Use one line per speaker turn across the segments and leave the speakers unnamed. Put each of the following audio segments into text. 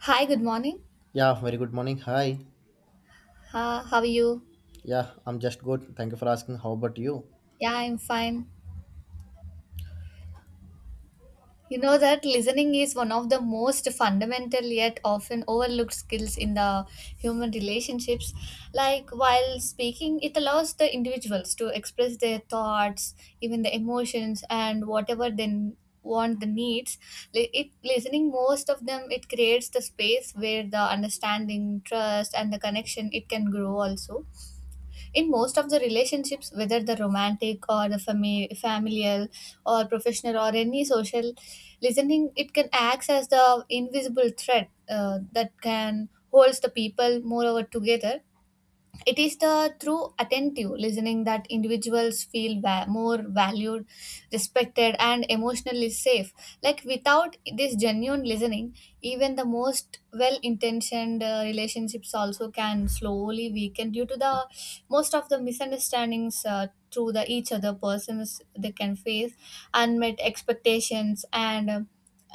Hi, good morning.
Yeah, very good morning. Hi.
How are you?
Yeah, I'm just good. Thank you for asking. How about you?
Yeah, I'm fine. You know that listening is one of the most fundamental yet often overlooked skills in the human relationships. Like while speaking, it allows the individuals to express their thoughts, even the emotions, and whatever they want the needs. It listening most of them it creates the space where the understanding trust and the connection it can grow also in most of the relationships, whether the romantic or the familial or professional or any social listening, it can act as the invisible thread that can holds the people moreover together. It is the through attentive listening that individuals feel more valued, respected and emotionally safe, like without this genuine listening, even the most well intentioned relationships also can slowly weaken due to the most of the misunderstandings, through the each other persons they can face unmet expectations and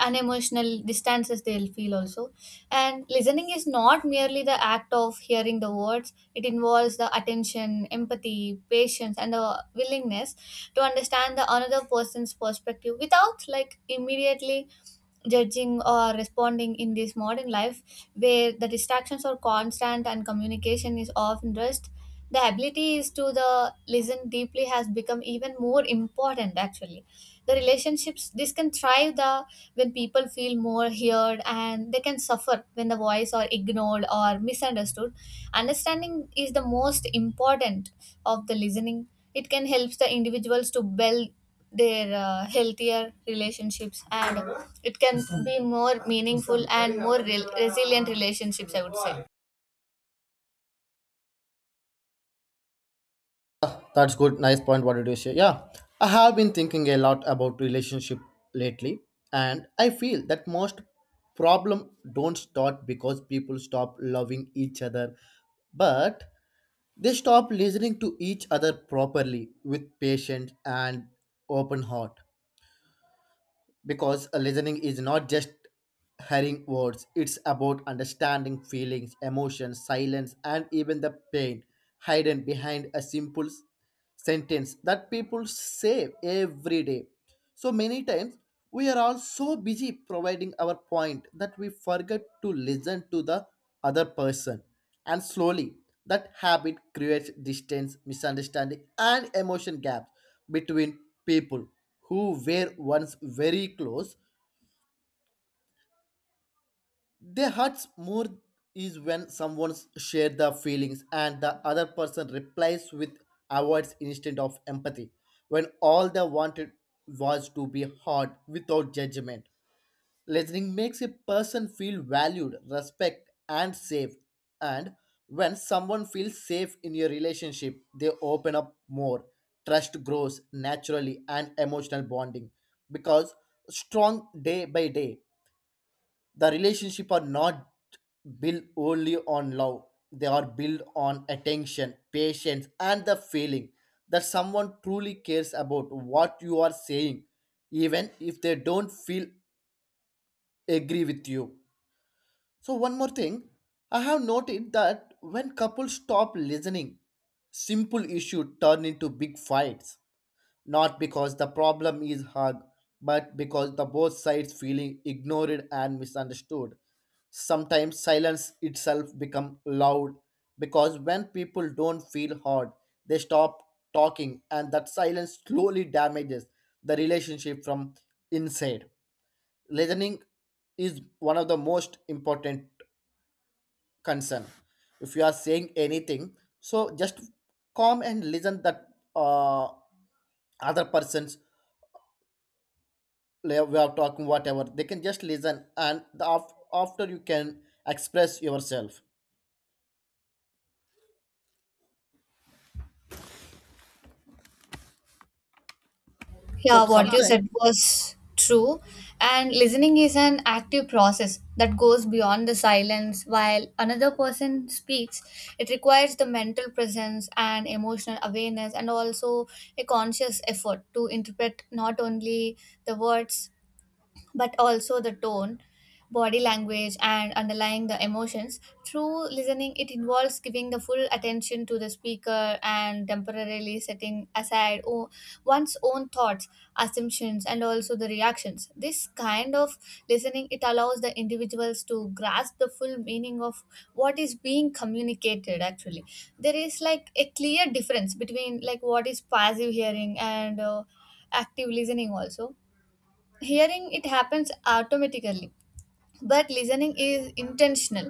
unemotional distances they'll feel also. And listening is not merely the act of hearing the words. It involves the attention, empathy, patience, and the willingness to understand the another person's perspective without like immediately judging or responding in this modern life, where the distractions are constant and communication is often rushed. The ability is to the listen deeply has become even more important actually. The relationships this can thrive the when people feel more heard, and they can suffer when the voice are ignored or misunderstood. Understanding is the most important of the listening. It can help the individuals to build their healthier relationships, and it can be more meaningful and more resilient relationships, I would say.
Ah, that's good. Nice point. What did you say? Yeah, I have been thinking a lot about relationship lately, and I feel that most problem don't start because people stop loving each other, but they stop listening to each other properly with patience and open heart. Because a listening is not just hearing words, it's about understanding feelings, emotions, silence, and even the pain hidden behind a simple sentence that people say every day so many times. We are all so busy providing our point that we forget to listen to the other person, and slowly, that habit creates distance, misunderstanding, and emotion gaps between people who were once very close. They hurts more is when someone share the feelings and the other person replies with avoids instead of empathy, when all they wanted was to be heard without judgment. Listening makes a person feel valued, respect, and safe. And when someone feels safe in your relationship, they open up more. Trust grows naturally and emotional bonding because strong day by day. The relationship are not built only on love. They are built on attention, patience, and the feeling that someone truly cares about what you are saying, even if they don't feel agree with you. So, one more thing, I have noted that when couples stop listening, simple issues turn into big fights. Not because the problem is hard, but because the both sides feeling ignored and misunderstood. Sometimes silence itself become loud because when people don't feel heard, they stop talking, and that silence slowly damages the relationship from inside. Listening is one of the most important concern. If you are saying anything, so just calm and listen that uh, other person's we are talking whatever, they can just listen, and the after you can express yourself. So
Yeah,
yeah,
what you
sometimes
said was true. And listening is an active process that goes beyond the silence. While another person speaks, it requires the mental presence and emotional awareness, and also a conscious effort to interpret not only the words, but also the tone, body language and underlying the emotions. Through listening, it involves giving the full attention to the speaker and temporarily setting aside one's own thoughts, assumptions and also the reactions. This kind of listening, it allows the individuals to grasp the full meaning of what is being communicated actually. There is like a clear difference between like what is passive hearing and active listening also. Hearing it happens automatically, but listening is intentional.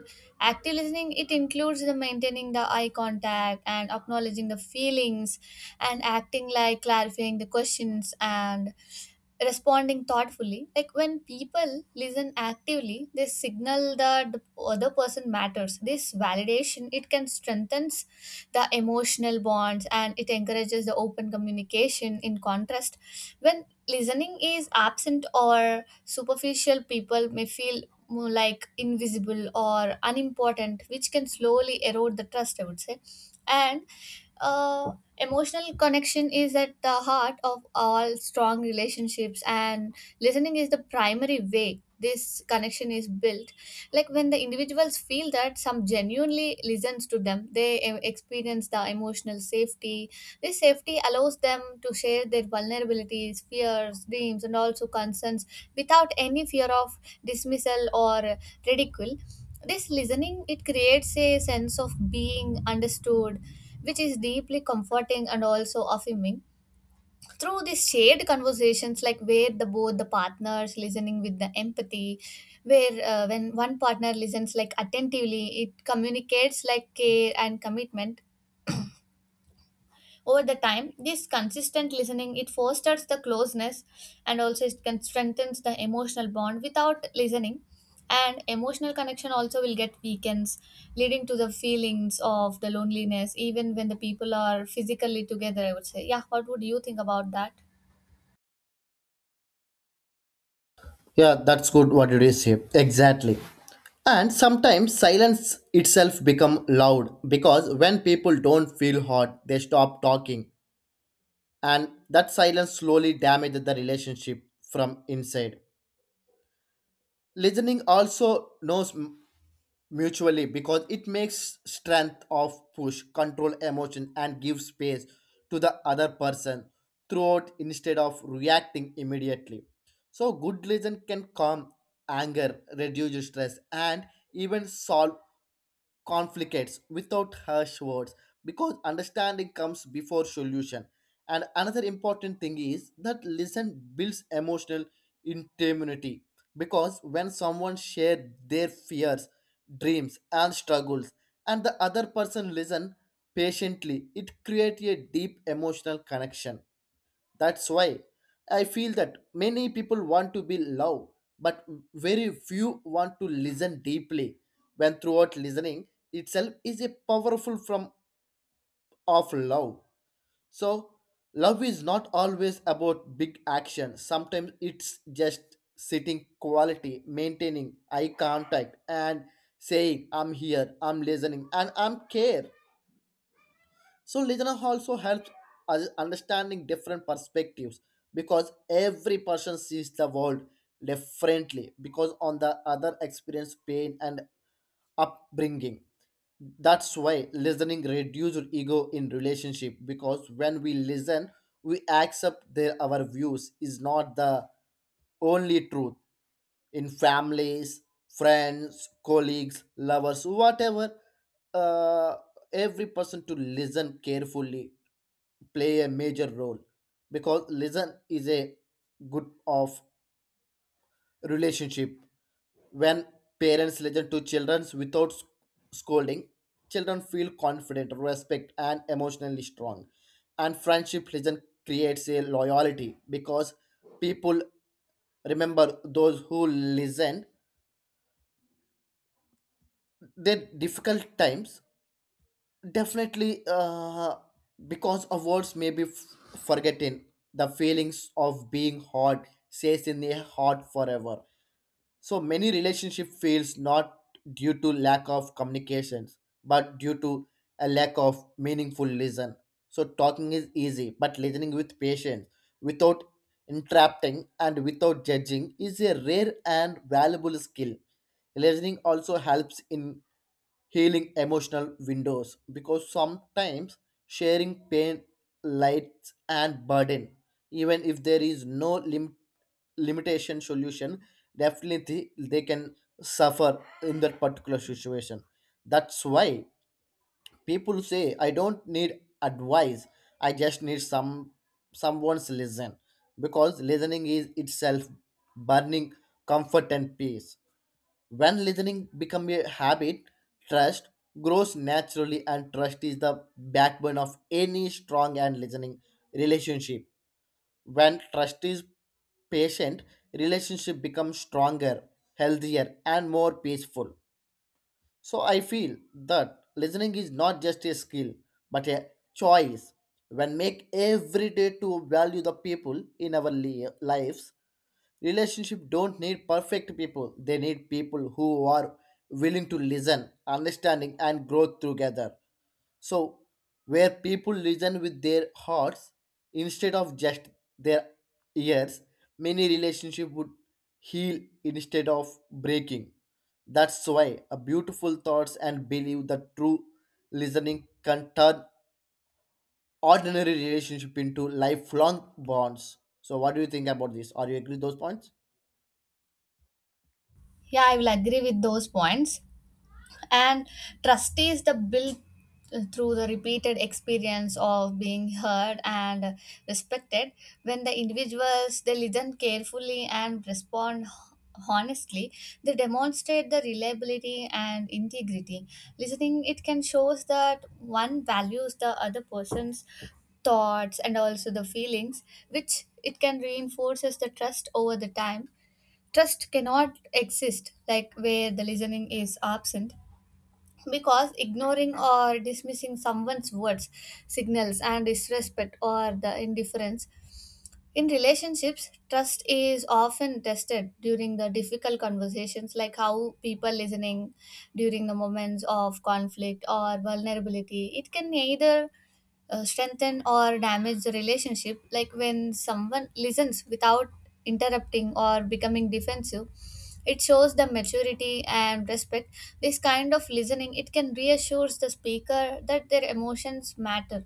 Active listening it includes the maintaining the eye contact and acknowledging the feelings and acting like clarifying the questions and responding thoughtfully, like when people listen actively they signal that the other person matters. This validation it can strengthens the emotional bonds, and it encourages the open communication. In contrast, when listening is absent or superficial, people may feel more like invisible or unimportant, which can slowly erode the trust, I would say. And uh, Emotional connection is at the heart of all strong relationships, and listening is the primary way this connection is built, like when the individuals feel that some genuinely listens to them, they experience the emotional safety. This safety allows them to share their vulnerabilities, fears, dreams and also concerns without any fear of dismissal or ridicule. This listening it creates a sense of being understood, which is deeply comforting and also affirming through these shared conversations, like where the both the partners listening with the empathy, where when one partner listens like attentively, it communicates like care and commitment. Over the time, this consistent listening it fosters the closeness, and also it can strengthens the emotional bond. Without listening, and emotional connection also will get weakens, leading to the feelings of the loneliness even when the people are physically together, I would say. Yeah, what would you think about that?
yeah, that's good. What did you say? Exactly. And sometimes silence itself become loud because when people don't feel hurt, they stop talking, and that silence slowly damages the relationship from inside. Listening also knows mutually because it makes strength of push, control emotion, and give space to the other person throughout instead of reacting immediately. So, good listen can calm anger, reduce stress, and even solve conflicts without harsh words because understanding comes before solution. And another important thing is that listen builds emotional intimacy because when someone shares their fears, dreams, and struggles and the other person listen patiently, it creates a deep emotional connection. That's why I feel that many people want to be loved, but very few want to listen deeply. When throughout listening itself is a powerful form of love. So love is not always about big action. Sometimes it's just sitting quality, maintaining eye contact and saying I'm here, I'm listening, and I'm care. So listening also helps us understanding different perspectives because every person sees the world differently because on the other experience pain and upbringing. That's why listening reduces ego in relationship, because when we listen, we accept their our views is not the only truth. In families, friends, colleagues, lovers, whatever. Uh, every person to listen carefully play a major role because listen is a good of relationship. When parents listen to children without scolding, children feel confident, respect, and emotionally strong. And friendship listen creates a loyalty because people remember those who listen then difficult times definitely because of words may be forgotten. The feelings of being hurt stays in the heart forever. So many relationship fails not due to lack of communications, but due to a lack of meaningful listen. So talking is easy, but listening with patience, without interrupting and without judging, is a rare and valuable skill. Listening also helps in healing emotional windows because sometimes sharing pain lights and burden, even if there is no limitation solution, definitely they can suffer in that particular situation. That's why people say I don't need advice, I just need some someone's listen, because listening is itself burning comfort and peace. When listening becomes a habit, trust grows naturally, and trust is the backbone of any strong and listening relationship. When trust is patient, relationship becomes stronger, healthier, and more peaceful. So I feel that listening is not just a skill, but a choice. When make every day to value the people in our lives. Relationship don't need perfect people. They need people who are willing to listen, understanding, and grow together. So where people listen with their hearts instead of just their ears, many relationship would heal instead of breaking. That's why a beautiful thoughts and believe that true listening can turn ordinary relationship into lifelong bonds. So what do you think about this? Are you agree with those points?
Yeah, I will agree with those points. And trust is the built through the repeated experience of being heard and respected. When the individuals they listen carefully and respond honestly, they demonstrate the reliability and integrity. Listening it can shows that one values the other person's thoughts and also the feelings, which it can reinforces the trust over the time. Trust cannot exist like where the listening is absent, because ignoring or dismissing someone's words signals and disrespect or the indifference. In relationships, trust is often tested during the difficult conversations, like how people listening during the moments of conflict or vulnerability it can either strengthen or damage the relationship. Like when someone listens without interrupting or becoming defensive, it shows the maturity and respect. This kind of listening it can reassures the speaker that their emotions matter,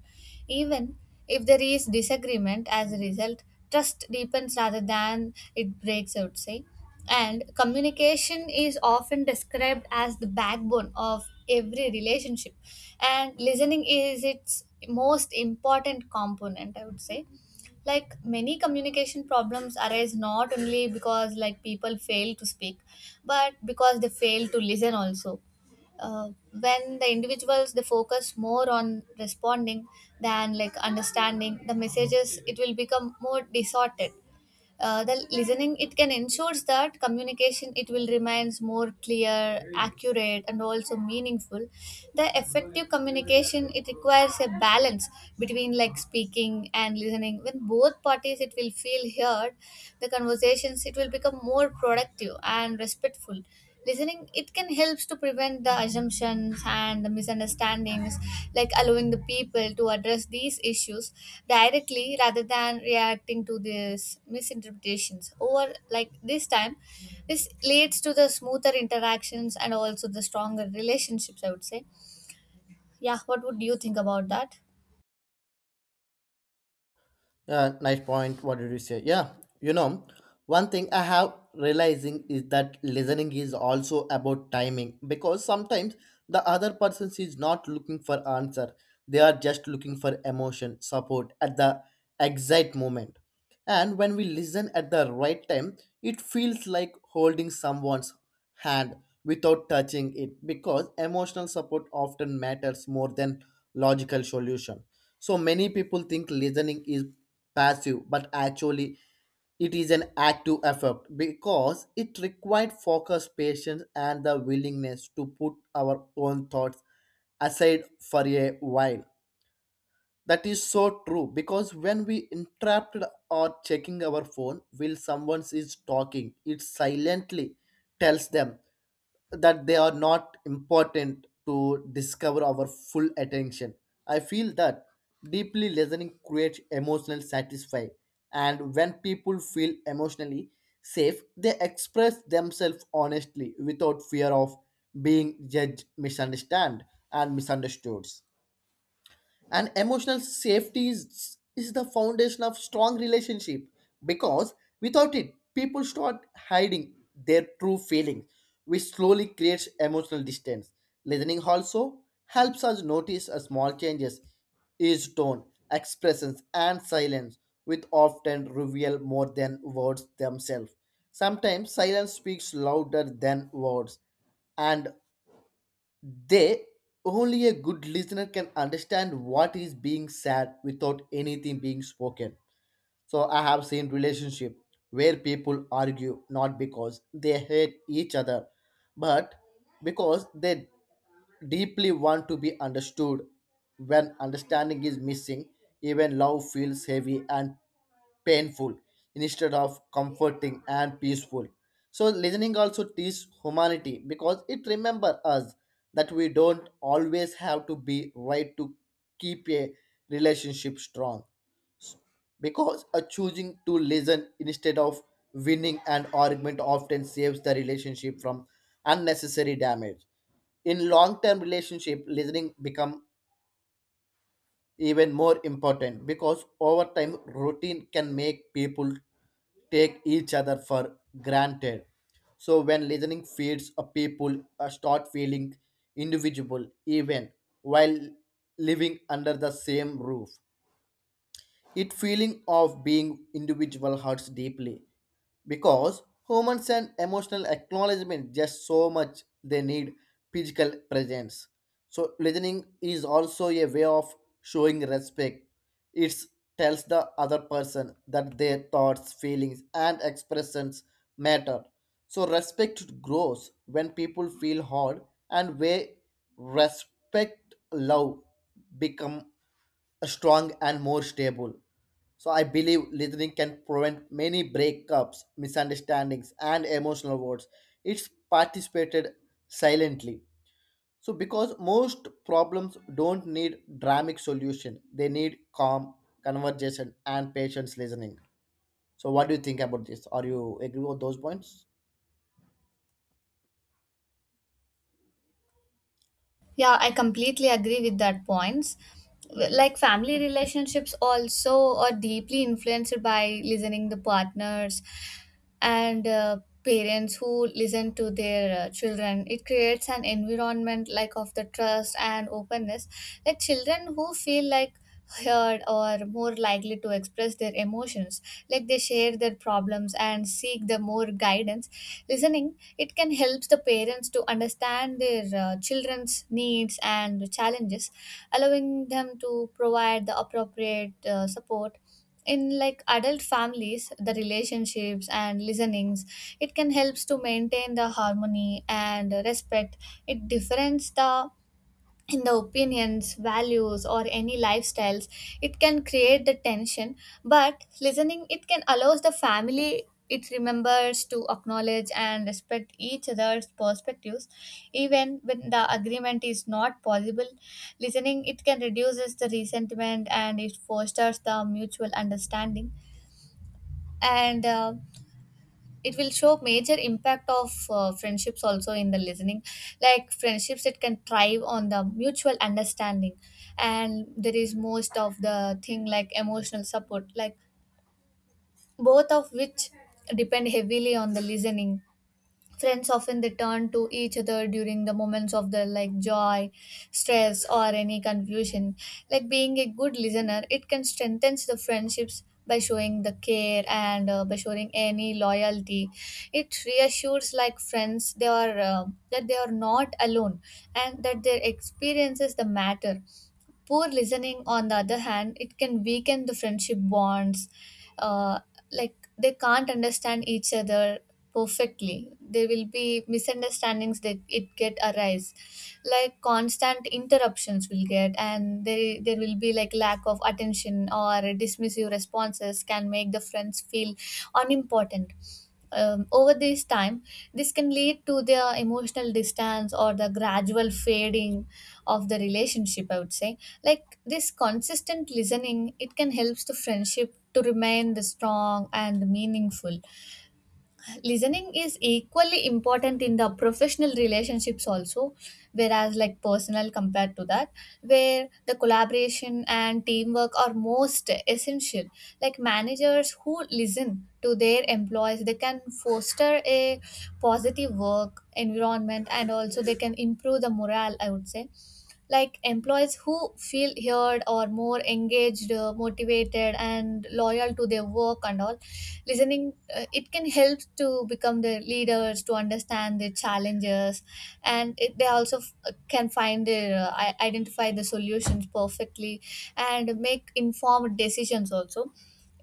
even if there is disagreement. As a result, trust deepens rather than it breaks, I would say. And communication is often described as the backbone of every relationship. And listening is its most important component, I would say, like many communication problems arise not only because like people fail to speak, but because they fail to listen also. Uh, when the individuals they focus more on responding than like understanding the messages, it will become more distorted. The listening it can ensures that communication it will remains more clear, accurate and also meaningful. The effective communication it requires a balance between like speaking and listening. When both parties it will feel heard, the conversations it will become more productive and respectful. Listening it can helps to prevent the assumptions and the misunderstandings, like allowing the people to address these issues directly rather than reacting to these misinterpretations over like this time. This leads to the smoother interactions and also the stronger relationships, I would say. Yeah, what would you think about that?
Nice point. What did you say? Yeah, you know, one thing I have realizing is that listening is also about timing because sometimes the other person is not looking for answer. They are just looking for emotion, support at the exact moment. And when we listen at the right time, it feels like holding someone's hand without touching it, because emotional support often matters more than logical solution. So many people think listening is passive, but actually, it is an active effort because it required focus, patience, and the willingness to put our own thoughts aside for a while. That is so true, because when we interrupt or checking our phone while someone is talking, it silently tells them that they are not important to discover our full attention. I feel that deeply listening creates emotional satisfy, and when people feel emotionally safe, they express themselves honestly without fear of being judged, misunderstood, and misunderstood. And emotional safety is the foundation of strong relationship, because without it people start hiding their true feelings, which slowly creates emotional distance. Listening also helps us notice a small changes is tone, expressions, and silence, which often reveal more than words themselves. Sometimes silence speaks louder than words, and they only a good listener can understand what is being said without anything being spoken. So I have seen relationship where people argue not because they hate each other, but because they deeply want to be understood. When understanding is missing, even love feels heavy and painful instead of comforting and peaceful. So listening also teaches humanity because it remembers us that we don't always have to be right to keep a relationship strong, because a choosing to listen instead of winning an argument often saves the relationship from unnecessary damage. In long-term relationship listening become even more important because over time routine can make people take each other for granted. So when listening feeds a people start feeling individual even while living under the same roof, it feeling of being individual hurts deeply because humans and emotional acknowledgement just so much they need physical presence. So listening is also a way of showing respect. It tells the other person that their thoughts, feelings, and expressions matter. So respect grows when people feel heard, and where respect love become strong and more stable. So I believe listening can prevent many breakups, misunderstandings, and emotional words. It's participated silently. So because most problems don't need dramatic solution, they need calm conversation and patience listening. So what do you think about this? Are you agree with those points?
Yeah, I completely agree with that points. Like family relationships also are deeply influenced by listening the partners and parents who listen to their children. It creates an environment like of the trust and openness. Like children who feel like heard or more likely to express their emotions, like they share their problems and seek the more guidance. Listening, it can help the parents to understand their children's needs and challenges, allowing them to provide the appropriate support. In like adult families, the relationships and listenings, it can helps to maintain the harmony and respect. It difference the in the opinions, values, or any lifestyles, it can create the tension. But listening, it can allows the family it remembers to acknowledge and respect each other's perspectives even when the agreement is not possible. Listening it can reduces the resentment, and it fosters the mutual understanding. And uh, it will show major impact of friendships also in the listening, like friendships it can thrive on the mutual understanding. And there is most of the thing like emotional support, like both of which depend heavily on the listening. Friends often they turn to each other during the moments of their like joy, stress, or any confusion. Like being a good listener, it can strengthen the friendships by showing the care and by showing any loyalty. It reassures like friends they are that they are not alone and that their experiences the matter. Poor listening, on the other hand, it can weaken the friendship bonds. Uh, like they can't understand each other perfectly. There will be misunderstandings that it get arise, like constant interruptions will get, and there will be like lack of attention or dismissive responses can make the friends feel unimportant. Over this time, this can lead to their emotional distance or the gradual fading of the relationship, I would say. Like this consistent listening, it can help the friendship to remain the strong and meaningful. Listening is equally important in the professional relationships also, whereas like personal compared to that, where the collaboration and teamwork are most essential. Like managers who listen to their employees they can foster a positive work environment, and also they can improve the morale, I would say. Like employees who feel heard or more engaged, motivated and loyal to their work and all. Listening it can help to become the leaders to understand the challenges, and they also can find the identify the solutions perfectly and make informed decisions also.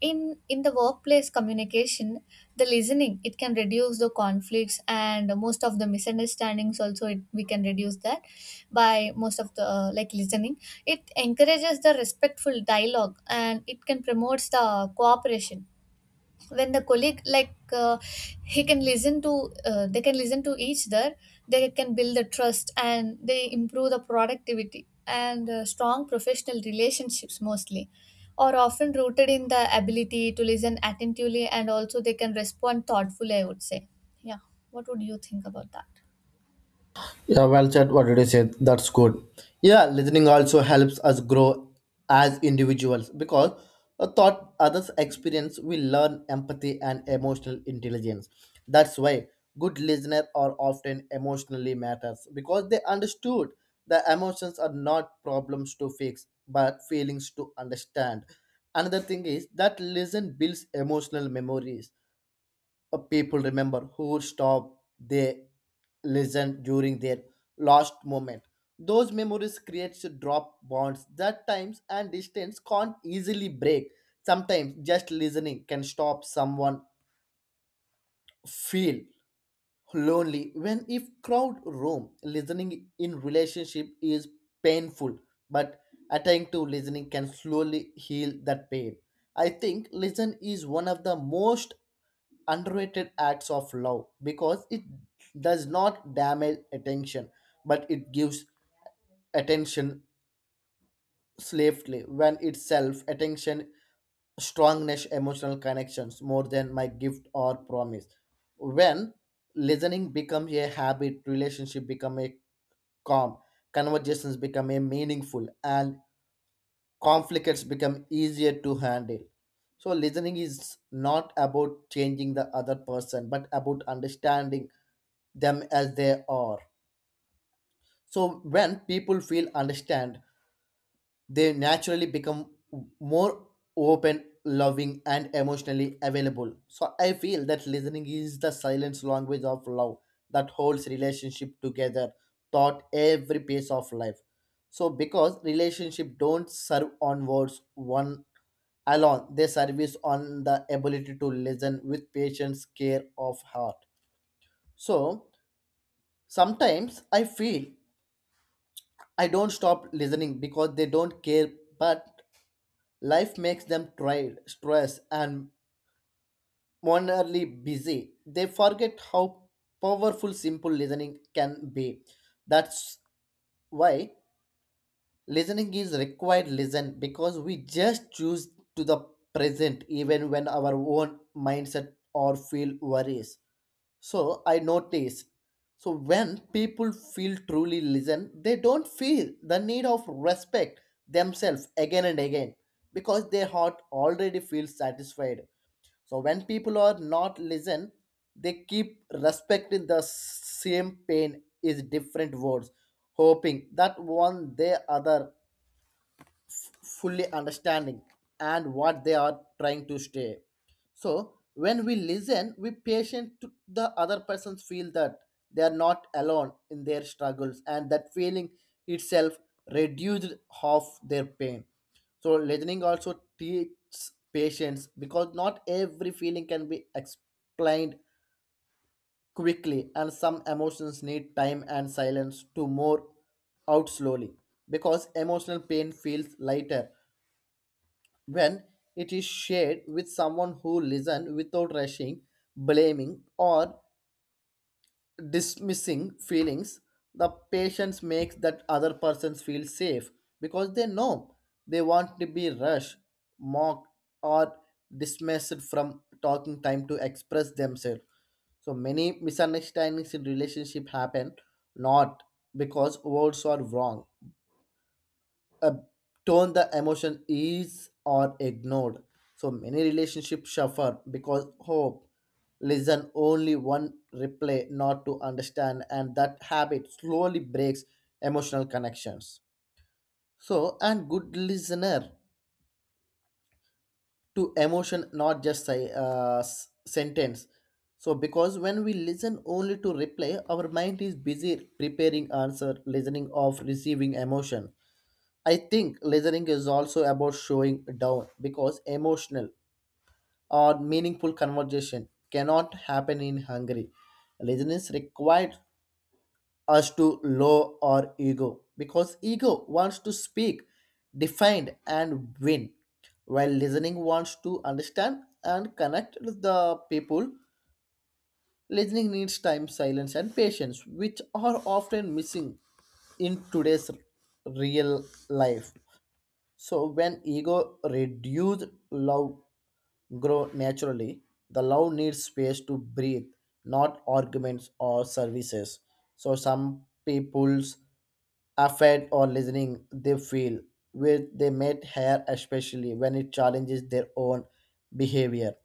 In the workplace communication, the listening it can reduce the conflicts and most of the misunderstandings also it, we can reduce that by most of the like listening. It encourages the respectful dialogue, and it can promotes the cooperation. When the colleague like he can listen to they can listen to each other, they can build the trust, and they improve the productivity, and strong professional relationships mostly are often rooted in the ability to listen attentively, and also they can respond thoughtfully, I would say. Yeah, what would you think about that?
Yeah, well said. What did you say? That's good. Yeah, listening also helps us grow as individuals because a thought others experience we learn empathy and emotional intelligence. That's why good listeners are often emotionally matters because they understood the emotions are not problems to fix but feelings to understand. Another thing is that listen builds emotional memories. People remember who stopped they listened during their lost moment. Those memories creates drop bonds that times and distance can't easily break. Sometimes just listening can stop someone feel lonely when if crowd roam listening in relationship is painful, but attentive listening can slowly heal that pain. I think listen is one of the most underrated acts of love because it does not damage attention, but it gives attention swiftly when itself attention strongness emotional connections more than my gift or promise. When listening becomes a habit relationship become a calm, conversations become a meaningful, and conflicts become easier to handle. So listening is not about changing the other person but about understanding them as they are. So when people feel understand, they naturally become more open, loving, and emotionally available. So I feel that listening is the silent language of love that holds relationship together, taught every piece of life. So because relationship don't serve on words one alone, they service on the ability to listen with patience, care of heart. So sometimes I feel I don't stop listening because they don't care, but life makes them tired, stressed, and monerly busy. They forget how powerful simple listening can be. That's why listening is required listen because we just choose to the present even when our own mindset or feel worries. So I notice. So when people feel truly listened, they don't feel the need of respect themselves again and again because their heart already feels satisfied. So when people are not listened, they keep respecting the same pain is different words, hoping that one day other fully understanding and what they are trying to say. So when we listen, we patient to the other persons feel that they are not alone in their struggles, and that feeling itself reduced half their pain. So listening also teaches patience because not every feeling can be explained quickly, and some emotions need time and silence to more out slowly, because emotional pain feels lighter when it is shared with someone who listens without rushing, blaming, or dismissing feelings. The patient makes that other person feel safe because they know they want to be rushed, mocked, or dismissed from talking time to express themselves. So many misunderstandings in relationship happen not because words are wrong, uh, tone the emotion is or ignored. So many relationships suffer because hope listen only one replay not to understand, and that habit slowly breaks emotional connections. So and good listener to emotion not just say sentence. So because when we listen only to replay our mind is busy preparing answer listening of receiving emotion. I think listening is also about showing down because emotional or meaningful conversation cannot happen in Hungary. Listening is required us to lower our ego because ego wants to speak, defend, and win, while listening wants to understand and connect with the people. Listening needs time, silence, and patience, which are often missing in today's real life. So when ego reduced, love grow naturally. The love needs space to breathe, not arguments or services. So some people's affect or listening they feel with they met hair, especially when it challenges their own behavior.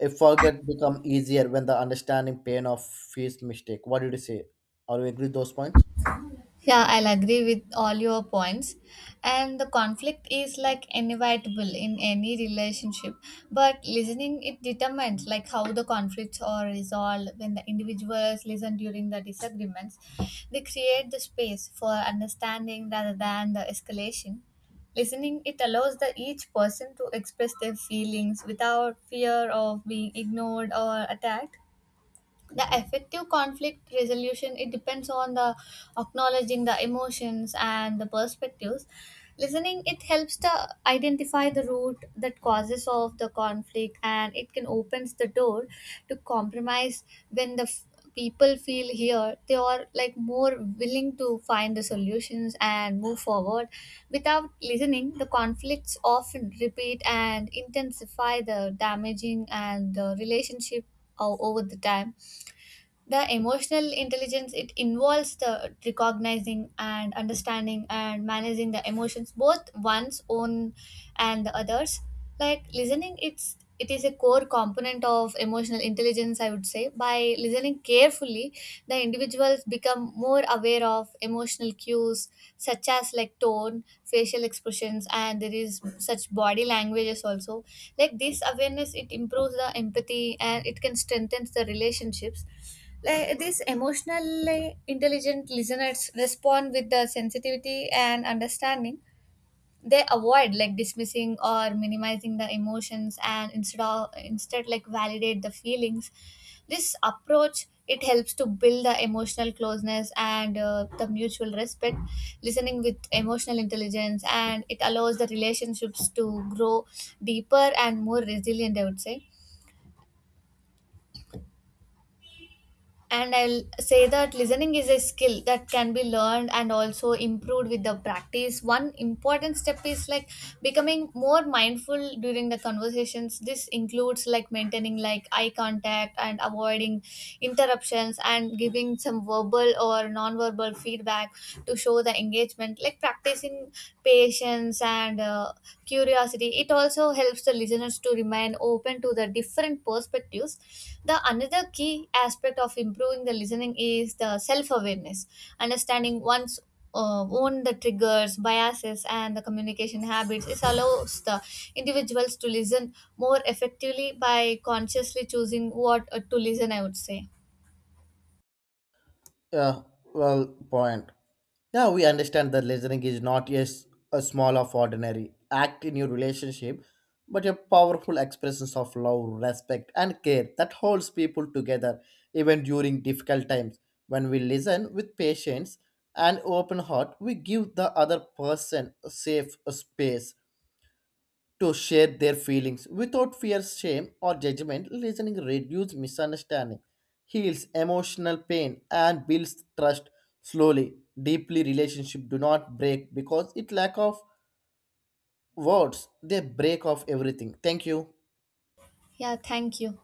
A forget become easier when the understanding pain of his mistake. What did you say? Are you agree with those points?
Yeah, I'll agree with all your points. And the conflict is like inevitable in any relationship, but listening it determines like how the conflicts are resolved when the individuals listen during the disagreements. They create the space for understanding rather than the escalation. Listening it allows the each person to express their feelings without fear of being ignored or attacked. The effective conflict resolution it depends on the acknowledging the emotions and the perspectives. Listening it helps to identify the root that causes of the conflict, and it can opens the door to compromise. When the people feel here, they are like more willing to find the solutions and move forward. Without listening, the conflicts often repeat and intensify the damaging and the relationship over the time. The emotional intelligence it involves the recognizing and understanding and managing the emotions, both one's own and the others. Like listening it is a core component of emotional intelligence, I would say. By listening carefully, the individuals become more aware of emotional cues, such as like tone, facial expressions and there is such body languages also. Like this awareness it improves the empathy, and it can strengthen the relationships. Like these emotionally intelligent listeners respond with the sensitivity and understanding. They avoid like dismissing or minimizing the emotions, and instead like validate the feelings. This approach it helps to build the emotional closeness and the mutual respect. Listening with emotional intelligence and it allows the relationships to grow deeper and more resilient, I would say. And I'll say that listening is a skill that can be learned and also improved with the practice. One important step is like becoming more mindful during the conversations. This includes like maintaining like eye contact and avoiding interruptions and giving some verbal or non-verbal feedback to show the engagement. Like practicing patience and curiosity. It also helps the listeners to remain open to the different perspectives. The another key aspect of improving the listening is the self-awareness. Understanding one's own the triggers, biases and the communication habits it allows the individuals to listen more effectively by consciously choosing what to listen, I would say.
Yeah, well, point. Now we understand that listening is not just a small of ordinary act in your relationship, but a powerful expression of love, respect, and care that holds people together even during difficult times. When we listen with patience and open heart, we give the other person a safe space to share their feelings without fear, shame, or judgment. Listening reduces misunderstanding, heals emotional pain, and builds trust slowly. Deeply, relationship do not break because it lack of words. They break off everything. Thank you.
Yeah, thank you.